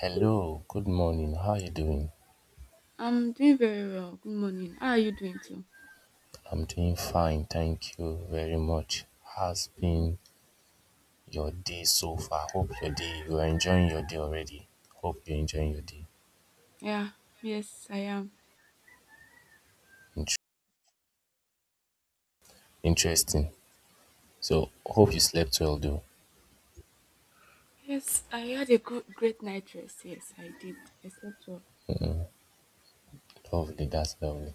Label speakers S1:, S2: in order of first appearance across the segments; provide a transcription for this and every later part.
S1: Hello, good morning. How are you doing?
S2: I'm doing very well. Good morning. How are you doing too?
S1: I'm doing fine, thank you very much. How's been your day so far? Hope you are enjoying your day already. Hope you're enjoying your day.
S2: Yeah, yes, I am.
S1: Int- Interesting. So hope you slept well though.
S2: Yes, I had a great night rest. Yes, I did. I slept well.
S1: Lovely, that's lovely.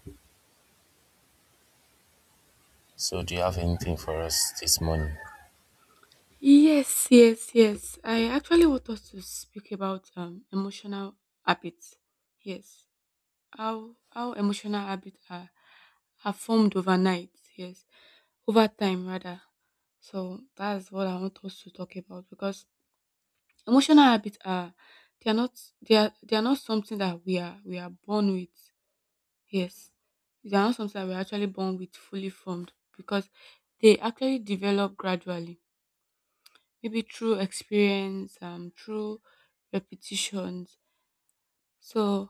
S1: So do you have anything for us this morning?
S2: Yes, yes, yes. I actually want us to speak about emotional habits. Yes, how emotional habits are formed overnight. Yes, over time rather. So that's what I want us to talk about, because emotional habits are they are not they are they are not something that we are born with. Yes. They are not something that we're actually born with fully formed, because they actually develop gradually. Maybe through experience, through repetitions. So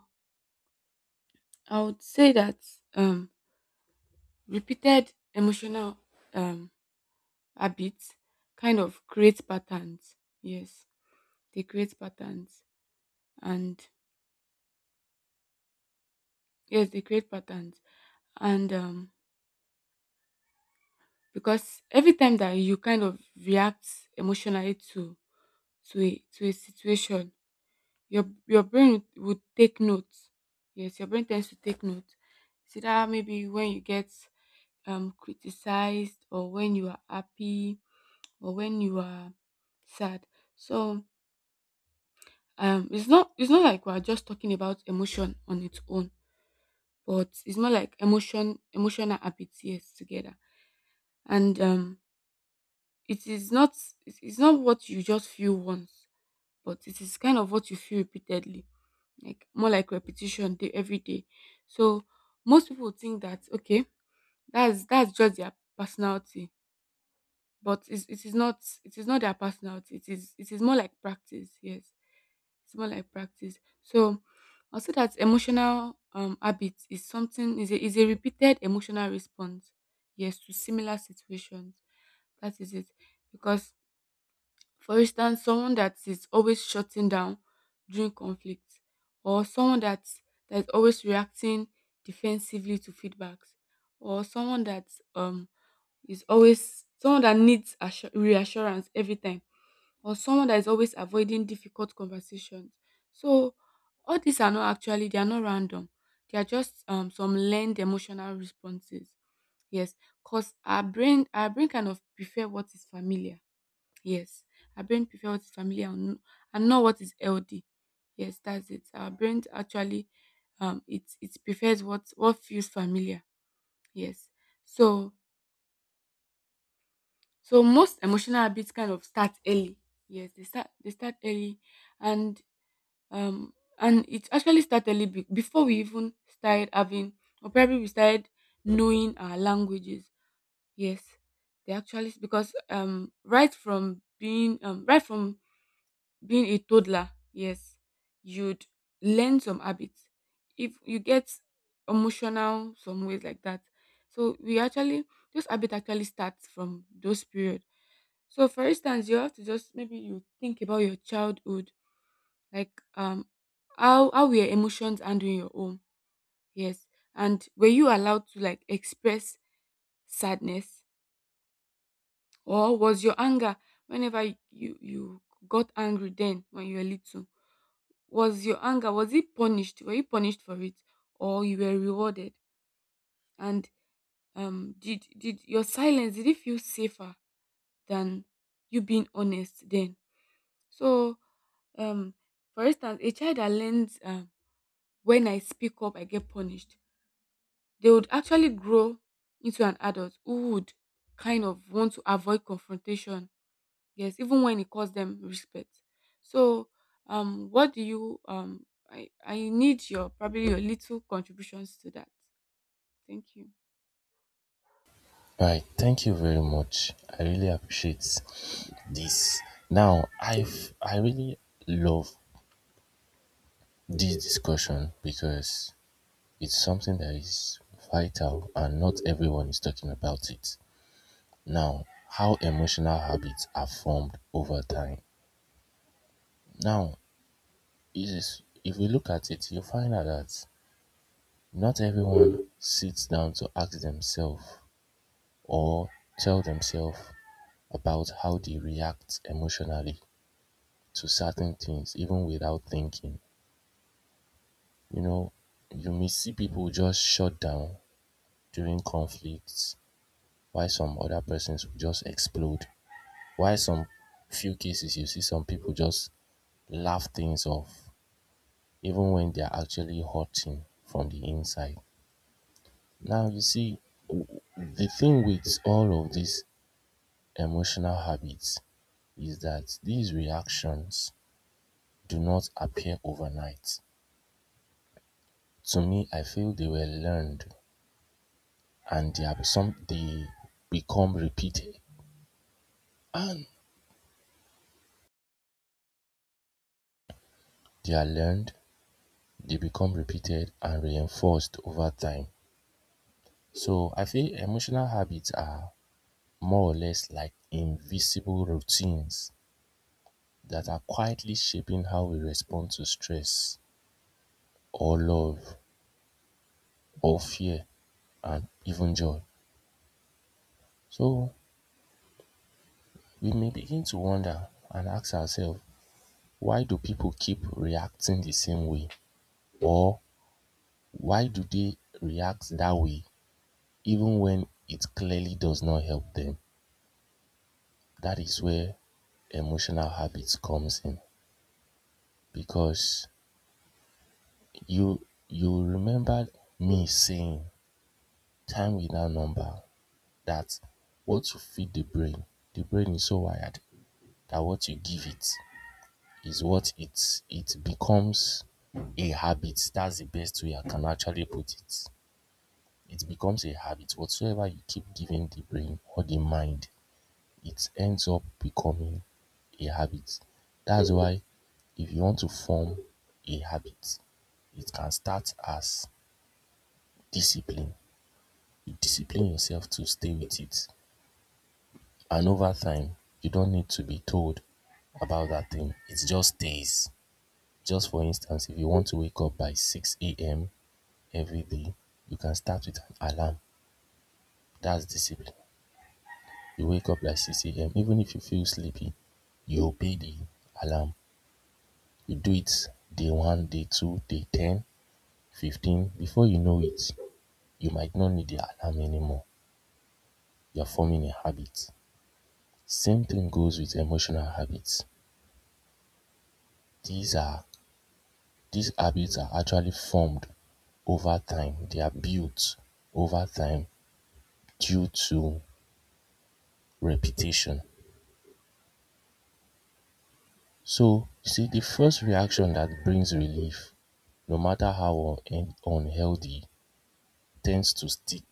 S2: I would say that um repeated emotional um habits kind of create patterns. Yes. They create patterns, and yes, they create patterns, and because every time that you kind of react emotionally to a situation, your brain would take note. Yes, your brain tends to take note, see that maybe when you get criticized, or when you are happy, or when you are sad. So it's not like we're just talking about emotion on its own, but it's more like emotional habits, yes, together. And it is not, it is not what you just feel once, but it is kind of what you feel repeatedly, like more like repetition day every day. So most people think that, okay, that's just their personality, but it is not, it is not their personality. It is, it is more like practice. Yes, it's more like practice. So I'll say that emotional habit is something, is a, is a repeated emotional response, yes, to similar situations. That is it, because for instance, someone that is always shutting down during conflict, or someone that is always reacting defensively to feedbacks, or someone that um is always someone that needs reassurance every time, or someone that is always avoiding difficult conversations. So all these are not actually, they are not random. They are just some learned emotional responses. Yes, because our brain kind of prefer what is familiar. Yes, our brain prefer what is familiar, and and not what is healthy. Yes, that's it. Our brain actually, it, it prefers what feels familiar. Yes. So so most emotional habits kind of start early. Yes, they start, they start early, and and it actually start early, before we even started having, or probably we started knowing our languages. Yes, they actually, because right from being a toddler, yes, you'd learn some habits. If you get emotional some ways like that. So we actually, those habits actually start from those period. So for instance, you have to just maybe you think about your childhood, like how were your emotions handling your own? Yes. And were you allowed to like express sadness? Or was your anger whenever you, you got angry then when you were little? Was your anger, was it punished? Were you punished for it, or you were rewarded? And did your silence, did it feel safer than you being honest then? So um, for instance, a child that learns, when I speak up, I get punished. They would actually grow into an adult who would kind of want to avoid confrontation. Yes, even when it costs them respect. So, what do you? I need your probably your little contributions to that. Thank you.
S1: Right, thank you very much. I really appreciate this. Now I really love this discussion because it's something that is vital and not everyone is talking about it. Now, how emotional habits are formed over time. Now, it is, if we look at it, you find out that not everyone sits down to ask themselves or tell themselves about how they react emotionally to certain things, even without thinking. You know, you may see people just shut down during conflicts, while some other persons will just explode. While some few cases you see some people just laugh things off even when they are actually hurting from the inside. Now you see, the thing with all of these emotional habits is that these reactions do not appear overnight. To me, I feel they were learned, and they are some they become repeated, and they are learned, they become repeated and reinforced over time. So I feel emotional habits are more or less like invisible routines that are quietly shaping how we respond to stress or love or fear and even joy. So we may begin to wonder and ask ourselves, why do people keep reacting the same way? Or why do they react that way even when it clearly does not help them? That is where emotional habits comes in, because you you remember me saying, "Time is now number," that what you feed the brain is so wired that what you give it is what it becomes a habit. That's the best way I can actually put it. It becomes a habit. Whatsoever you keep giving the brain or the mind, it ends up becoming a habit. That's why if you want to form a habit, it can start as discipline. You discipline yourself to stay with it. And over time, you don't need to be told about that thing. It just stays. Just for instance, if you want to wake up by 6 a.m. every day, you can start with an alarm. That's discipline. You wake up by 6 a.m. Even if you feel sleepy, you obey the alarm. You do it day 1, day 2, day 10, 15. Before you know it, you might not need the alarm anymore. You're forming a habit. Same thing goes with emotional habits. These are These habits are actually formed over time. They are built over time due to repetition. So, you see, the first reaction that brings relief, no matter how unhealthy, tends to stick.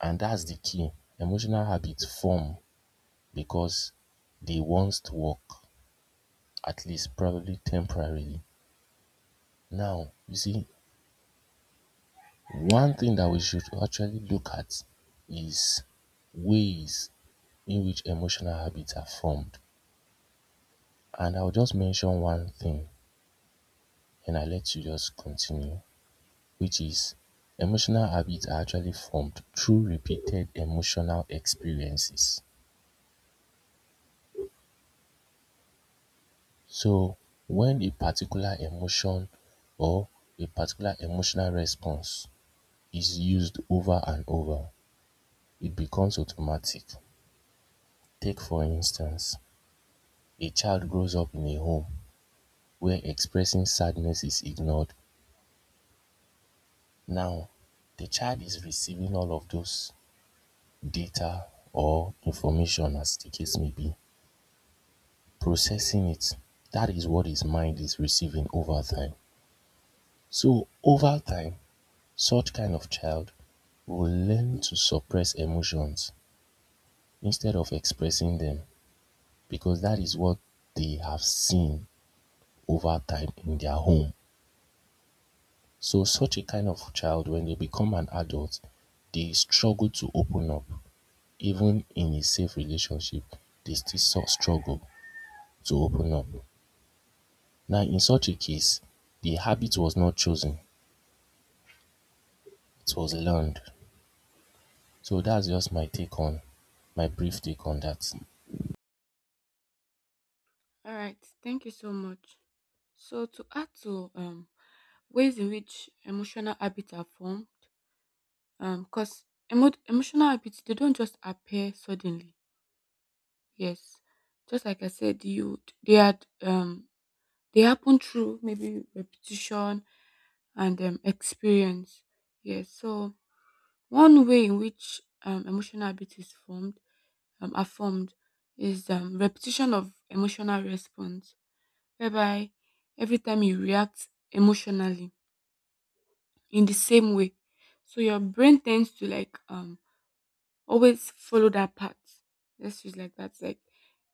S1: And that's the key. Emotional habits form because they once work, at least probably temporarily. Now, you see, one thing that we should actually look at is ways in which emotional habits are formed, and I'll just mention one thing and I'll let you just continue, which is: emotional habits are actually formed through repeated emotional experiences. So when a particular emotion or a particular emotional response is used over and over, it becomes automatic. Take for instance, a child grows up in a home where expressing sadness is ignored. Now, the child is receiving all of those data or information, as the case may be, processing it; that is what his mind is receiving over time. So over time, such kind of child will learn to suppress emotions instead of expressing them, because that is what they have seen over time in their home. So such a kind of child, when they become an adult, they struggle to open up. Even in a safe relationship, they still struggle to open up. Now, in such a case, the habit was not chosen, it was learned. So that's just my take on, my brief take on that.
S2: All right. Thank you so much. So to add to ways in which emotional habits are formed, because emotional habits, they don't just appear suddenly. Yes, just like I said, you they had they happen through maybe repetition and experience. Yes, so one way in which emotional habit is formed, are formed, is repetition of emotional response, whereby every time you react emotionally in the same way, so your brain tends to like always follow that path. Let's use like that. Like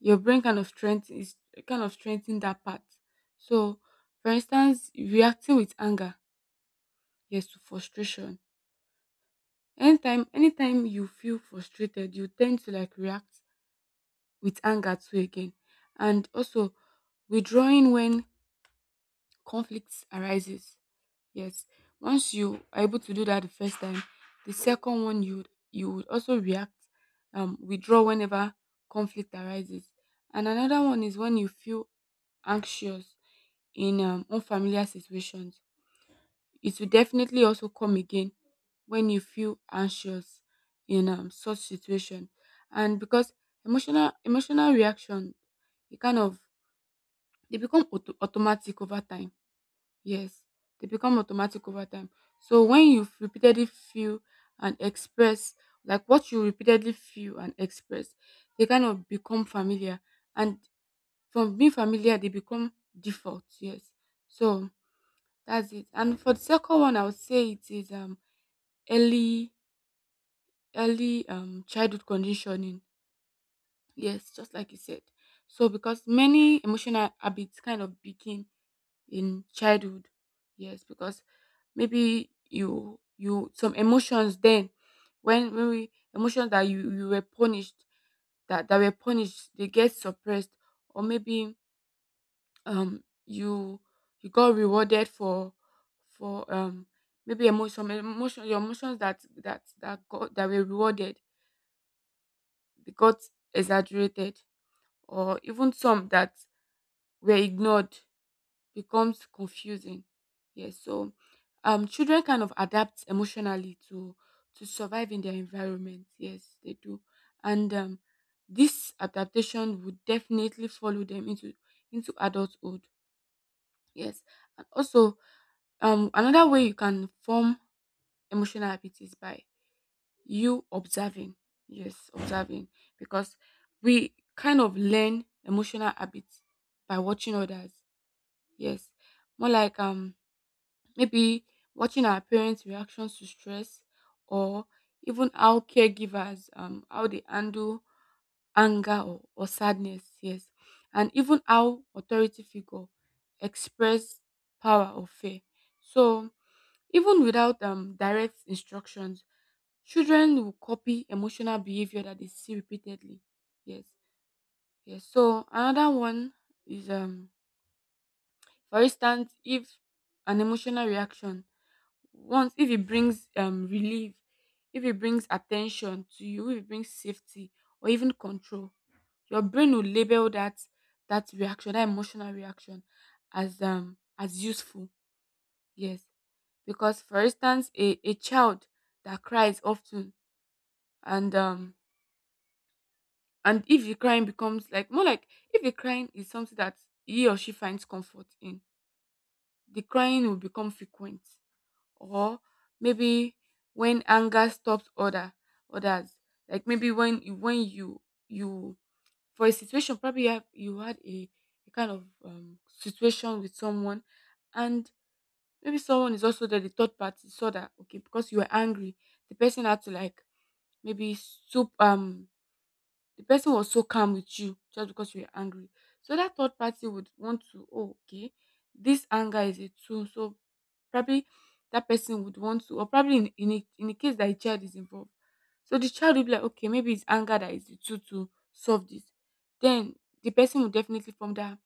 S2: your brain kind of strength is kind of strengthen that path. So, for instance, reacting with anger, yes, to frustration. Anytime, anytime you feel frustrated, you tend to like react with anger too again, and also withdrawing when conflicts arises. Yes, once you are able to do that the first time, the second one, you would also react, withdraw whenever conflict arises. And another one is when you feel anxious in unfamiliar situations. It will definitely also come again when you feel anxious in such situation, and because emotional reaction, it kind of, they become automatic over time. Yes, they become automatic over time. So when you repeatedly feel and express, like what you repeatedly feel and express, they kind of become familiar, and from being familiar, they become default. Yes, so that's it. And for the second one, I would say it is early early childhood conditioning, yes, just like you said. So because many emotional habits kind of begin in childhood. Yes, because maybe you, you some emotions then, when we emotions that you were punished, that, that were punished, they get suppressed. Or maybe you, you got rewarded for maybe emotion some emotion, your emotions that, got, that were rewarded, got exaggerated. Or even some that were ignored becomes confusing. Yes, so children kind of adapt emotionally to survive in their environment. Yes, they do. And this adaptation would definitely follow them into adulthood. Yes. And also another way you can form emotional habits is by you observing. Yes, observing. Because we kind of learn emotional habits by watching others. Yes. More like maybe watching our parents' reactions to stress, or even how caregivers how they handle anger or sadness. Yes. And even how authority figure express power or fear. So even without direct instructions, children will copy emotional behavior that they see repeatedly. Yes. Yes, so another one is, for instance, if an emotional reaction once, if it brings relief, if it brings attention to you, if it brings safety or even control, your brain will label that, that reaction that emotional reaction as useful. Yes, because for instance, a child that cries often, and um and if the crying becomes like more like, if the crying is something that he or she finds comfort in, the crying will become frequent. Or maybe when anger stops others, like maybe when you, you for a situation, probably you, have, you had a kind of situation with someone, and maybe someone is also there, the third party, so that, okay, because you were angry, the person had to like maybe soup the person was so calm with you just because you were angry. So that third party would want to, oh, okay, this anger is a tool. So probably that person would want to, or probably in a, in the case that a child is involved. So the child will be like, okay, maybe it's anger that is the tool to solve this. Then the person will definitely form that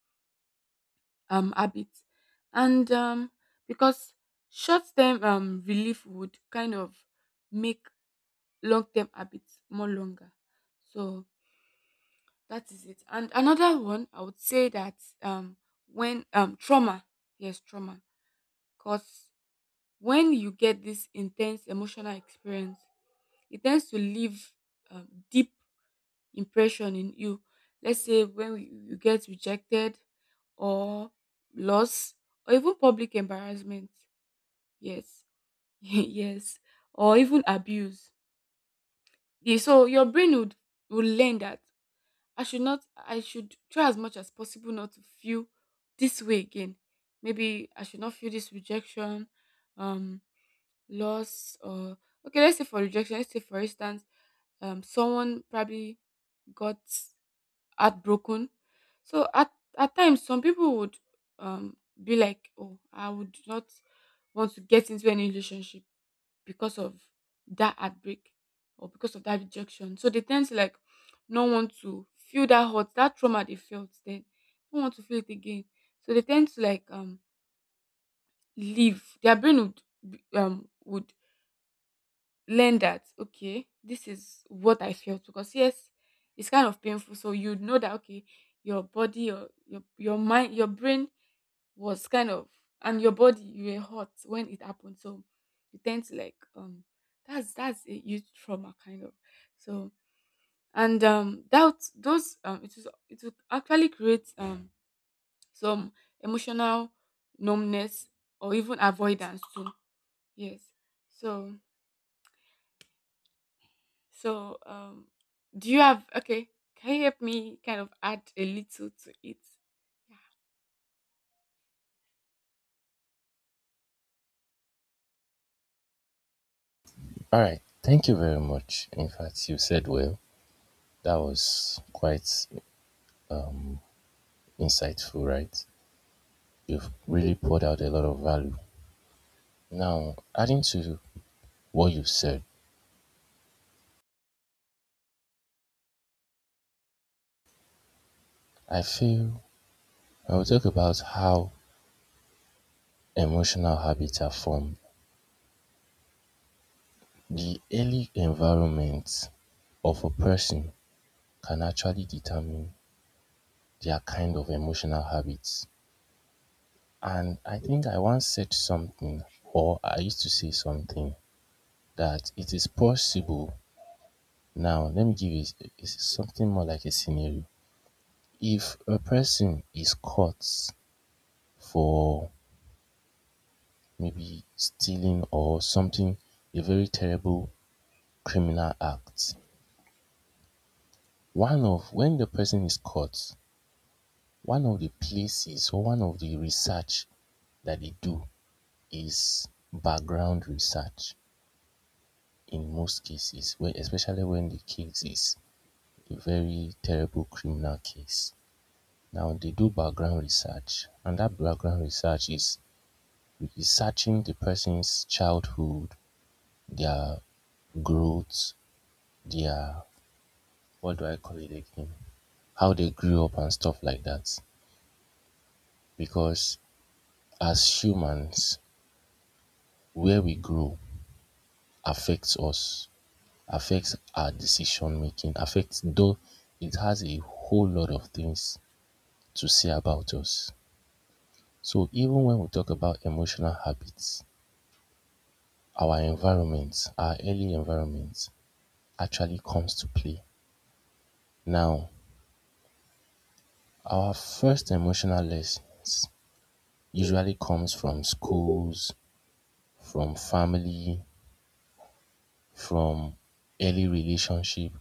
S2: habit, and because short term relief would kind of make long term habits more longer. So that is it. And another one, I would say that um, when trauma, yes, trauma, because when you get this intense emotional experience, it tends to leave deep impression in you. Let's say when you get rejected, or loss, or even public embarrassment. Yes, yes, or even abuse. Yeah. So your brain would learn that I should not, I should try as much as possible not to feel this way again. Maybe I should not feel this rejection, um, loss, or okay, let's say for rejection, let's say for instance, someone probably got heartbroken. So at times some people would be like, "Oh, I would not want to get into any relationship because of that heartbreak, or because of that rejection." So they tend to like not want to feel that hurt, that trauma they felt then, don't want to feel it again. So they tend to like leave. Their brain would would learn that, okay, this is what I felt. Because yes, it's kind of painful. So you know that, okay, your body, your mind, your brain was kind of, and your body you were hot when it happened. So you tend to like that's a huge trauma kind of. So and that, those it was, it will actually create some emotional numbness, or even avoidance too. Yes. So, so, do you have, okay? Can you help me kind of add a little to it? Yeah.
S1: All right. Thank you very much. In fact, you said well. That was quite um, insightful, right? You've really poured out a lot of value. Now, adding to what you've said, I feel I'll talk about how emotional habits are formed. The early environment of a person can actually determine their kind of emotional habits. And I think I once said something, or I used to say something, that it is possible. Now, let me give you something more like a scenario. If a person is caught for maybe stealing or something, a very terrible criminal act, one of when the person is caught, one of the places or one of the research that they do is background research in most cases, where, especially when the case is a very terrible criminal case. Now they do background research, and that background research is researching the person's childhood, their growth, their, what do I call it again? How they grew up and stuff like that. Because as humans, where we grow affects us, affects our decision making, affects, though, it has a whole lot of things to say about us. So even when we talk about emotional habits, our environment, our early environment actually comes to play. Now, our first emotional lessons usually comes from schools, from family, from early relationship,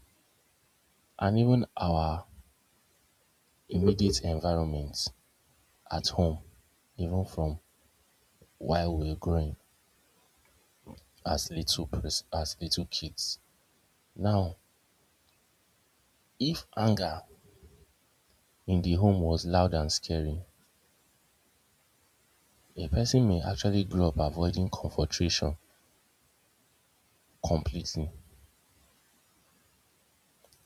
S1: and even our immediate environment at home, even from while we're growing, as little as little kids. Now, if anger in the home was loud and scary, a person may actually grow up avoiding confrontation completely.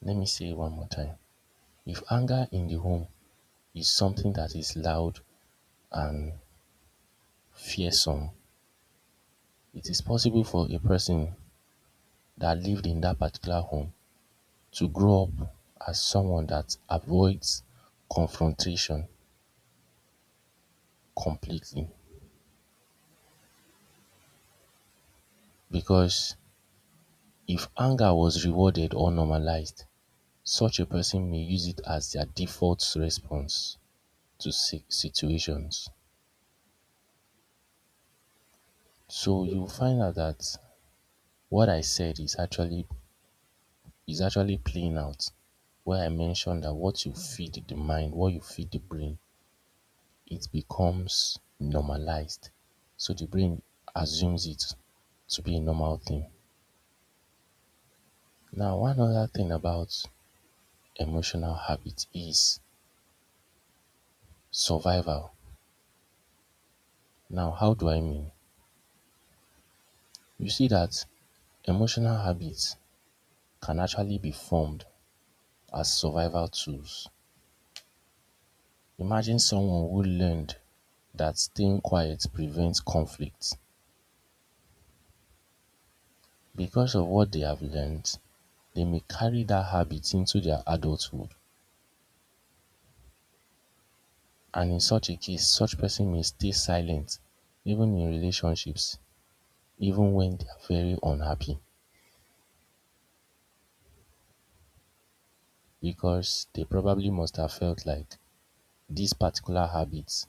S1: Let me say it one more time. If anger in the home is something that is loud and fearsome, it is possible for a person that lived in that particular home to grow up as someone that avoids confrontation completely. Because if anger was rewarded or normalized, such a person may use it as their default response to situations. So you'll find out that what I said is actually playing out, where I mentioned that what you feed the mind, what you feed the brain, it becomes normalized. So the brain assumes it to be a normal thing. Now, one other thing about emotional habit is survival. Now how do I mean? You see that emotional habits can actually be formed as survival tools. Imagine someone who learned that staying quiet prevents conflict. Because of what they have learned, they may carry that habit into their adulthood. And in such a case, such person may stay silent even in relationships, even when they are very unhappy, because they probably must have felt like this particular habit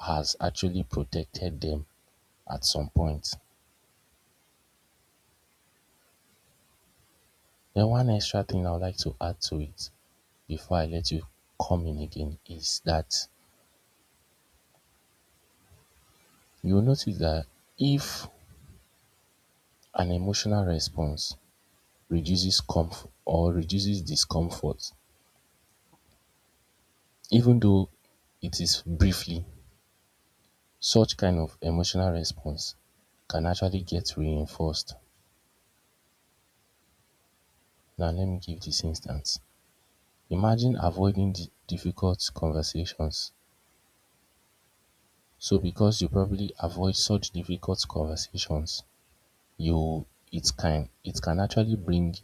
S1: has actually protected them at some point. Then one extra thing I would like to add to it before I let you come in again is that you'll notice that if an emotional response reduces comfort or reduces discomfort, even though it is briefly, such kind of emotional response can actually get reinforced. Now let me give this instance. Imagine avoiding the difficult conversations. So because you probably avoid such difficult conversations, you it can actually bring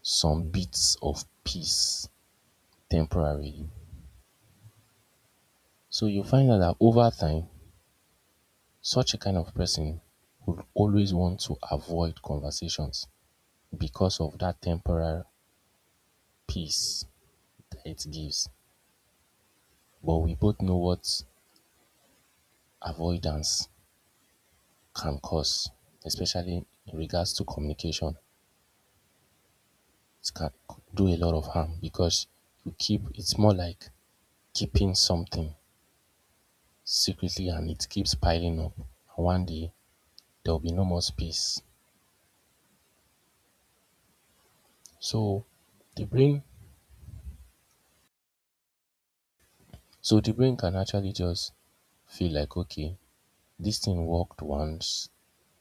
S1: some bits of peace temporarily. So you find out that over time, such a kind of person would always want to avoid conversations because of that temporary peace that it gives. But we both know what avoidance can cause, especially in regards to communication. It can do a lot of harm, because you keep it's more like keeping something secretly, and it keeps piling up, and one day there will be no more space. so the brain so the brain can actually just feel like, okay, this thing worked once,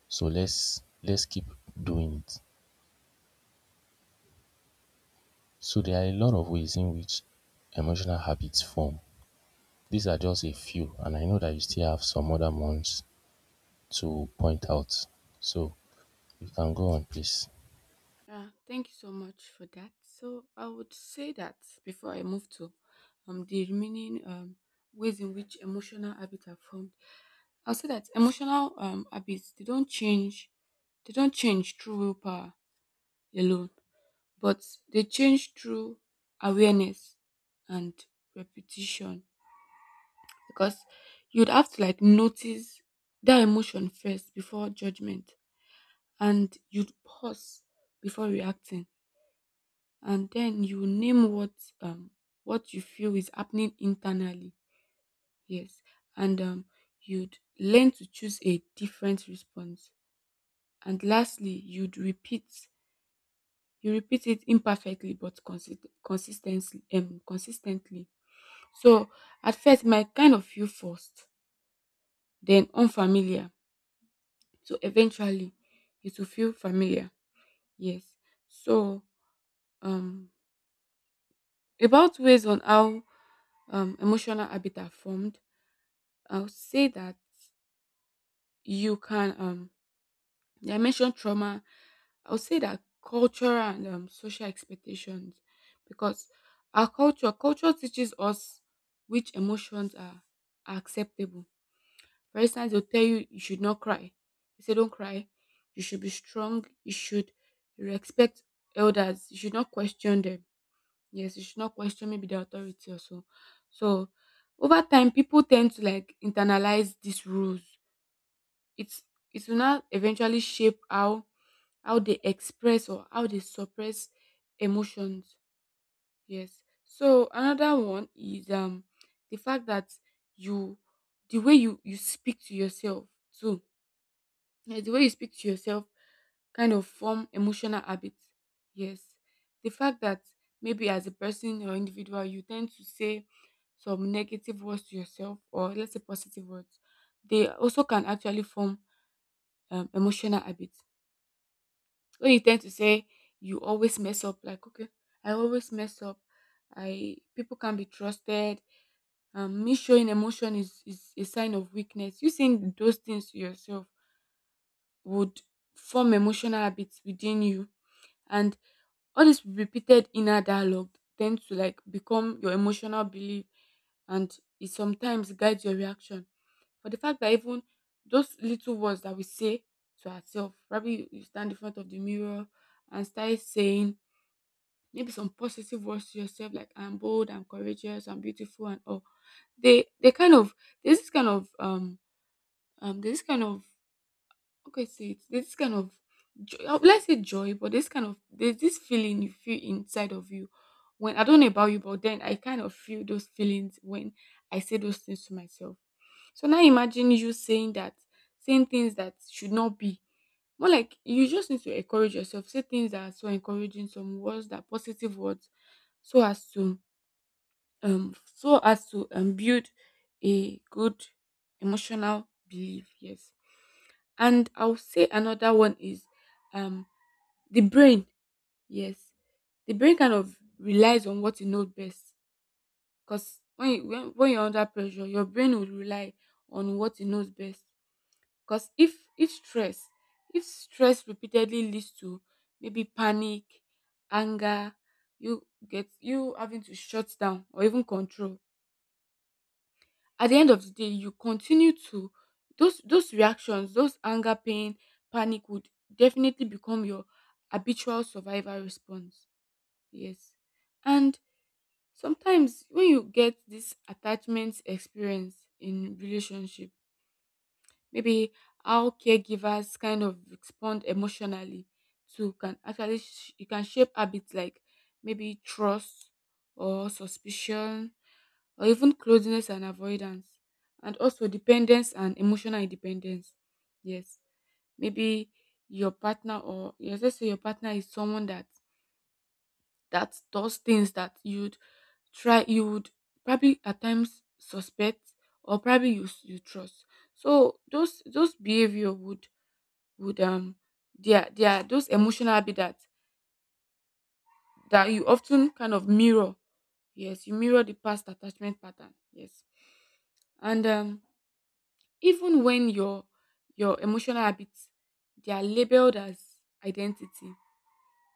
S1: so let's keep doing it. So there are a lot of ways in which emotional habits form. These are just a few, and I know that you still have some other ones to point out, so you can go on, please.
S2: Yeah, thank you so much for that. So I would say that before I move to the remaining ways in which emotional habits are formed, I'll say that emotional habits they don't change through willpower alone, but they change through awareness and repetition. Because you'd have to like notice that emotion first before judgment and you'd pause before reacting and then you name um what you feel is happening internally. Yes. And you'd learn to choose a different response, and lastly you'd repeat. You repeat it imperfectly but consistently, consistently. So at first it might kind of feel forced, then unfamiliar. So eventually it will feel familiar. Yes. So um about ways on how emotional habits are formed, I'll say that you can yeah, I mentioned trauma. I'll say that culture and social expectations, because our culture teaches us which emotions are acceptable. For instance, they'll tell you you should not cry. They say don't cry. You should be strong. You should respect elders. You should not question them. Yes, you should not question maybe the authority or so. So over time, people tend to like internalize these rules. It's it will now eventually shape how they express or how they suppress emotions. Yes. So another one is the fact that you the way you speak to yourself too. Yes, the way you speak to yourself kind of form emotional habits. Yes. The fact that maybe as a person or individual you tend to say some negative words to yourself or let's say positive words, they also can actually form emotional habits. When you tend to say you always mess up, like okay, I always mess up. I people can be trusted. Me showing emotion is a sign of weakness. You saying those things to yourself would form emotional habits within you, and all this repeated inner dialogue tend to like become your emotional belief, and it sometimes guides your reaction, for the fact that even those little words that we say to ourselves, probably you stand in front of the mirror and start saying maybe some positive words to yourself like I'm bold, I'm courageous, I'm beautiful and all. They kind of there's this kind of there's this kind of okay, so it's this kind of let's say joy, but this kind of there's this feeling you feel inside of you when I don't know about you, but then I kind of feel those feelings when I say those things to myself. So now imagine you saying that, saying things that should not be. More like you just need to encourage yourself, say things that are so encouraging, some words that positive words, so as to so as to build a good emotional belief. Yes. And I'll say another one is um the brain. Yes, the brain kind of relies on what you know best. Because when you're under pressure, your brain will rely on what it knows best. Because if stress repeatedly leads to maybe panic, anger, you get you having to shut down or even control. At the end of the day, you continue to those reactions, those anger, pain, panic would definitely become your habitual survival response. Yes. And sometimes when you get this attachment experience in relationship, maybe how caregivers kind of respond emotionally to can actually you can shape habits like maybe trust or suspicion or even closeness and avoidance, and also dependence and emotional independence. Yes, maybe your partner or yes, let's say your partner is someone that does things that you would probably at times suspect or probably you trust. So those behavior would they are those emotional habit that you often kind of mirror. Yes, you mirror the past attachment pattern. Yes. And even when your emotional habits they are labeled as identity,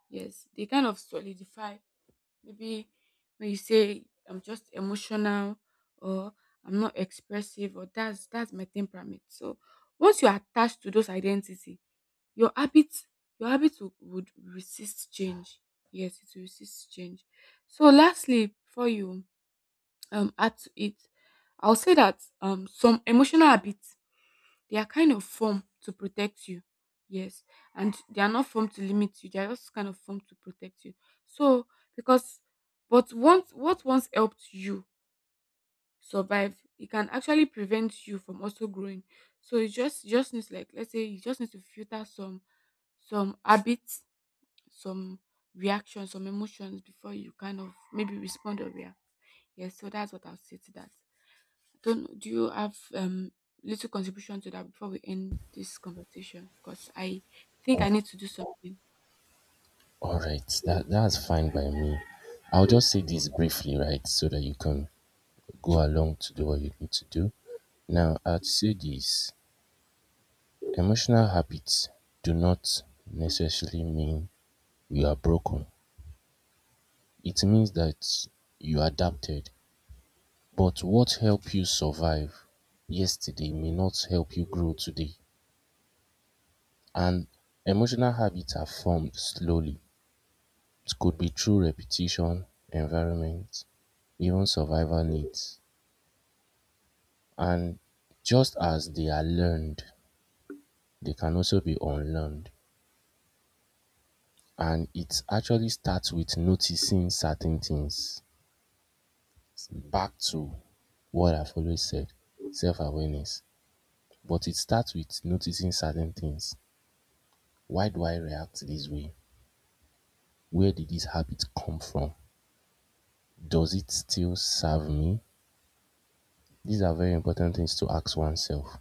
S2: yes they kind of solidify. Maybe when you say I'm just emotional, or I'm not expressive, or that's my temperament. So once you're attached to those identity, your habits your habits would resist change. Yes, it will resist change. So lastly, before you add to it, I'll say that some emotional habits they are kind of formed to protect you. Yes. And they are not formed to limit you. They are just kind of formed to protect you. So because but once what once helped you survive, it can actually prevent you from also growing. So you just needs like let's say you just need to filter some habits, some reactions, some emotions before you kind of maybe respond or react. Yes, so that's what I'll say to that. Don't do you have little contribution to that before we end this conversation? Because I think I
S1: Oh,
S2: need to do something.
S1: all right. That's fine by me. I'll just say this briefly, right, so that you can go along to do what you need to do. Now, I'd say this: emotional habits do not necessarily mean you are broken. It means that you adapted. But what helped you survive yesterday may not help you grow today. And emotional habits are formed slowly. It could be through repetition, environment, even survival needs. And just as they are learned, they can also be unlearned. And it actually starts with noticing certain things. Back to what I've always said: self awareness. But it starts with noticing certain things. Why do I react this way? Where did this habit come from? Does it still serve me? These are very important things to ask oneself,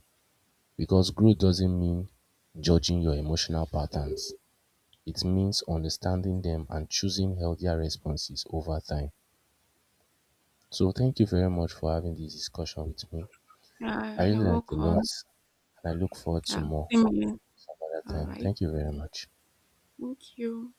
S1: because growth doesn't mean judging your emotional patterns. It means understanding them and choosing healthier responses over time. So thank you very much for having this discussion with me. I really
S2: You're
S1: learned a
S2: welcome.
S1: lot, and I look forward to
S2: Uh,
S1: more
S2: same here.
S1: some other
S2: All
S1: time.
S2: right.
S1: Thank you very much.
S2: Thank you.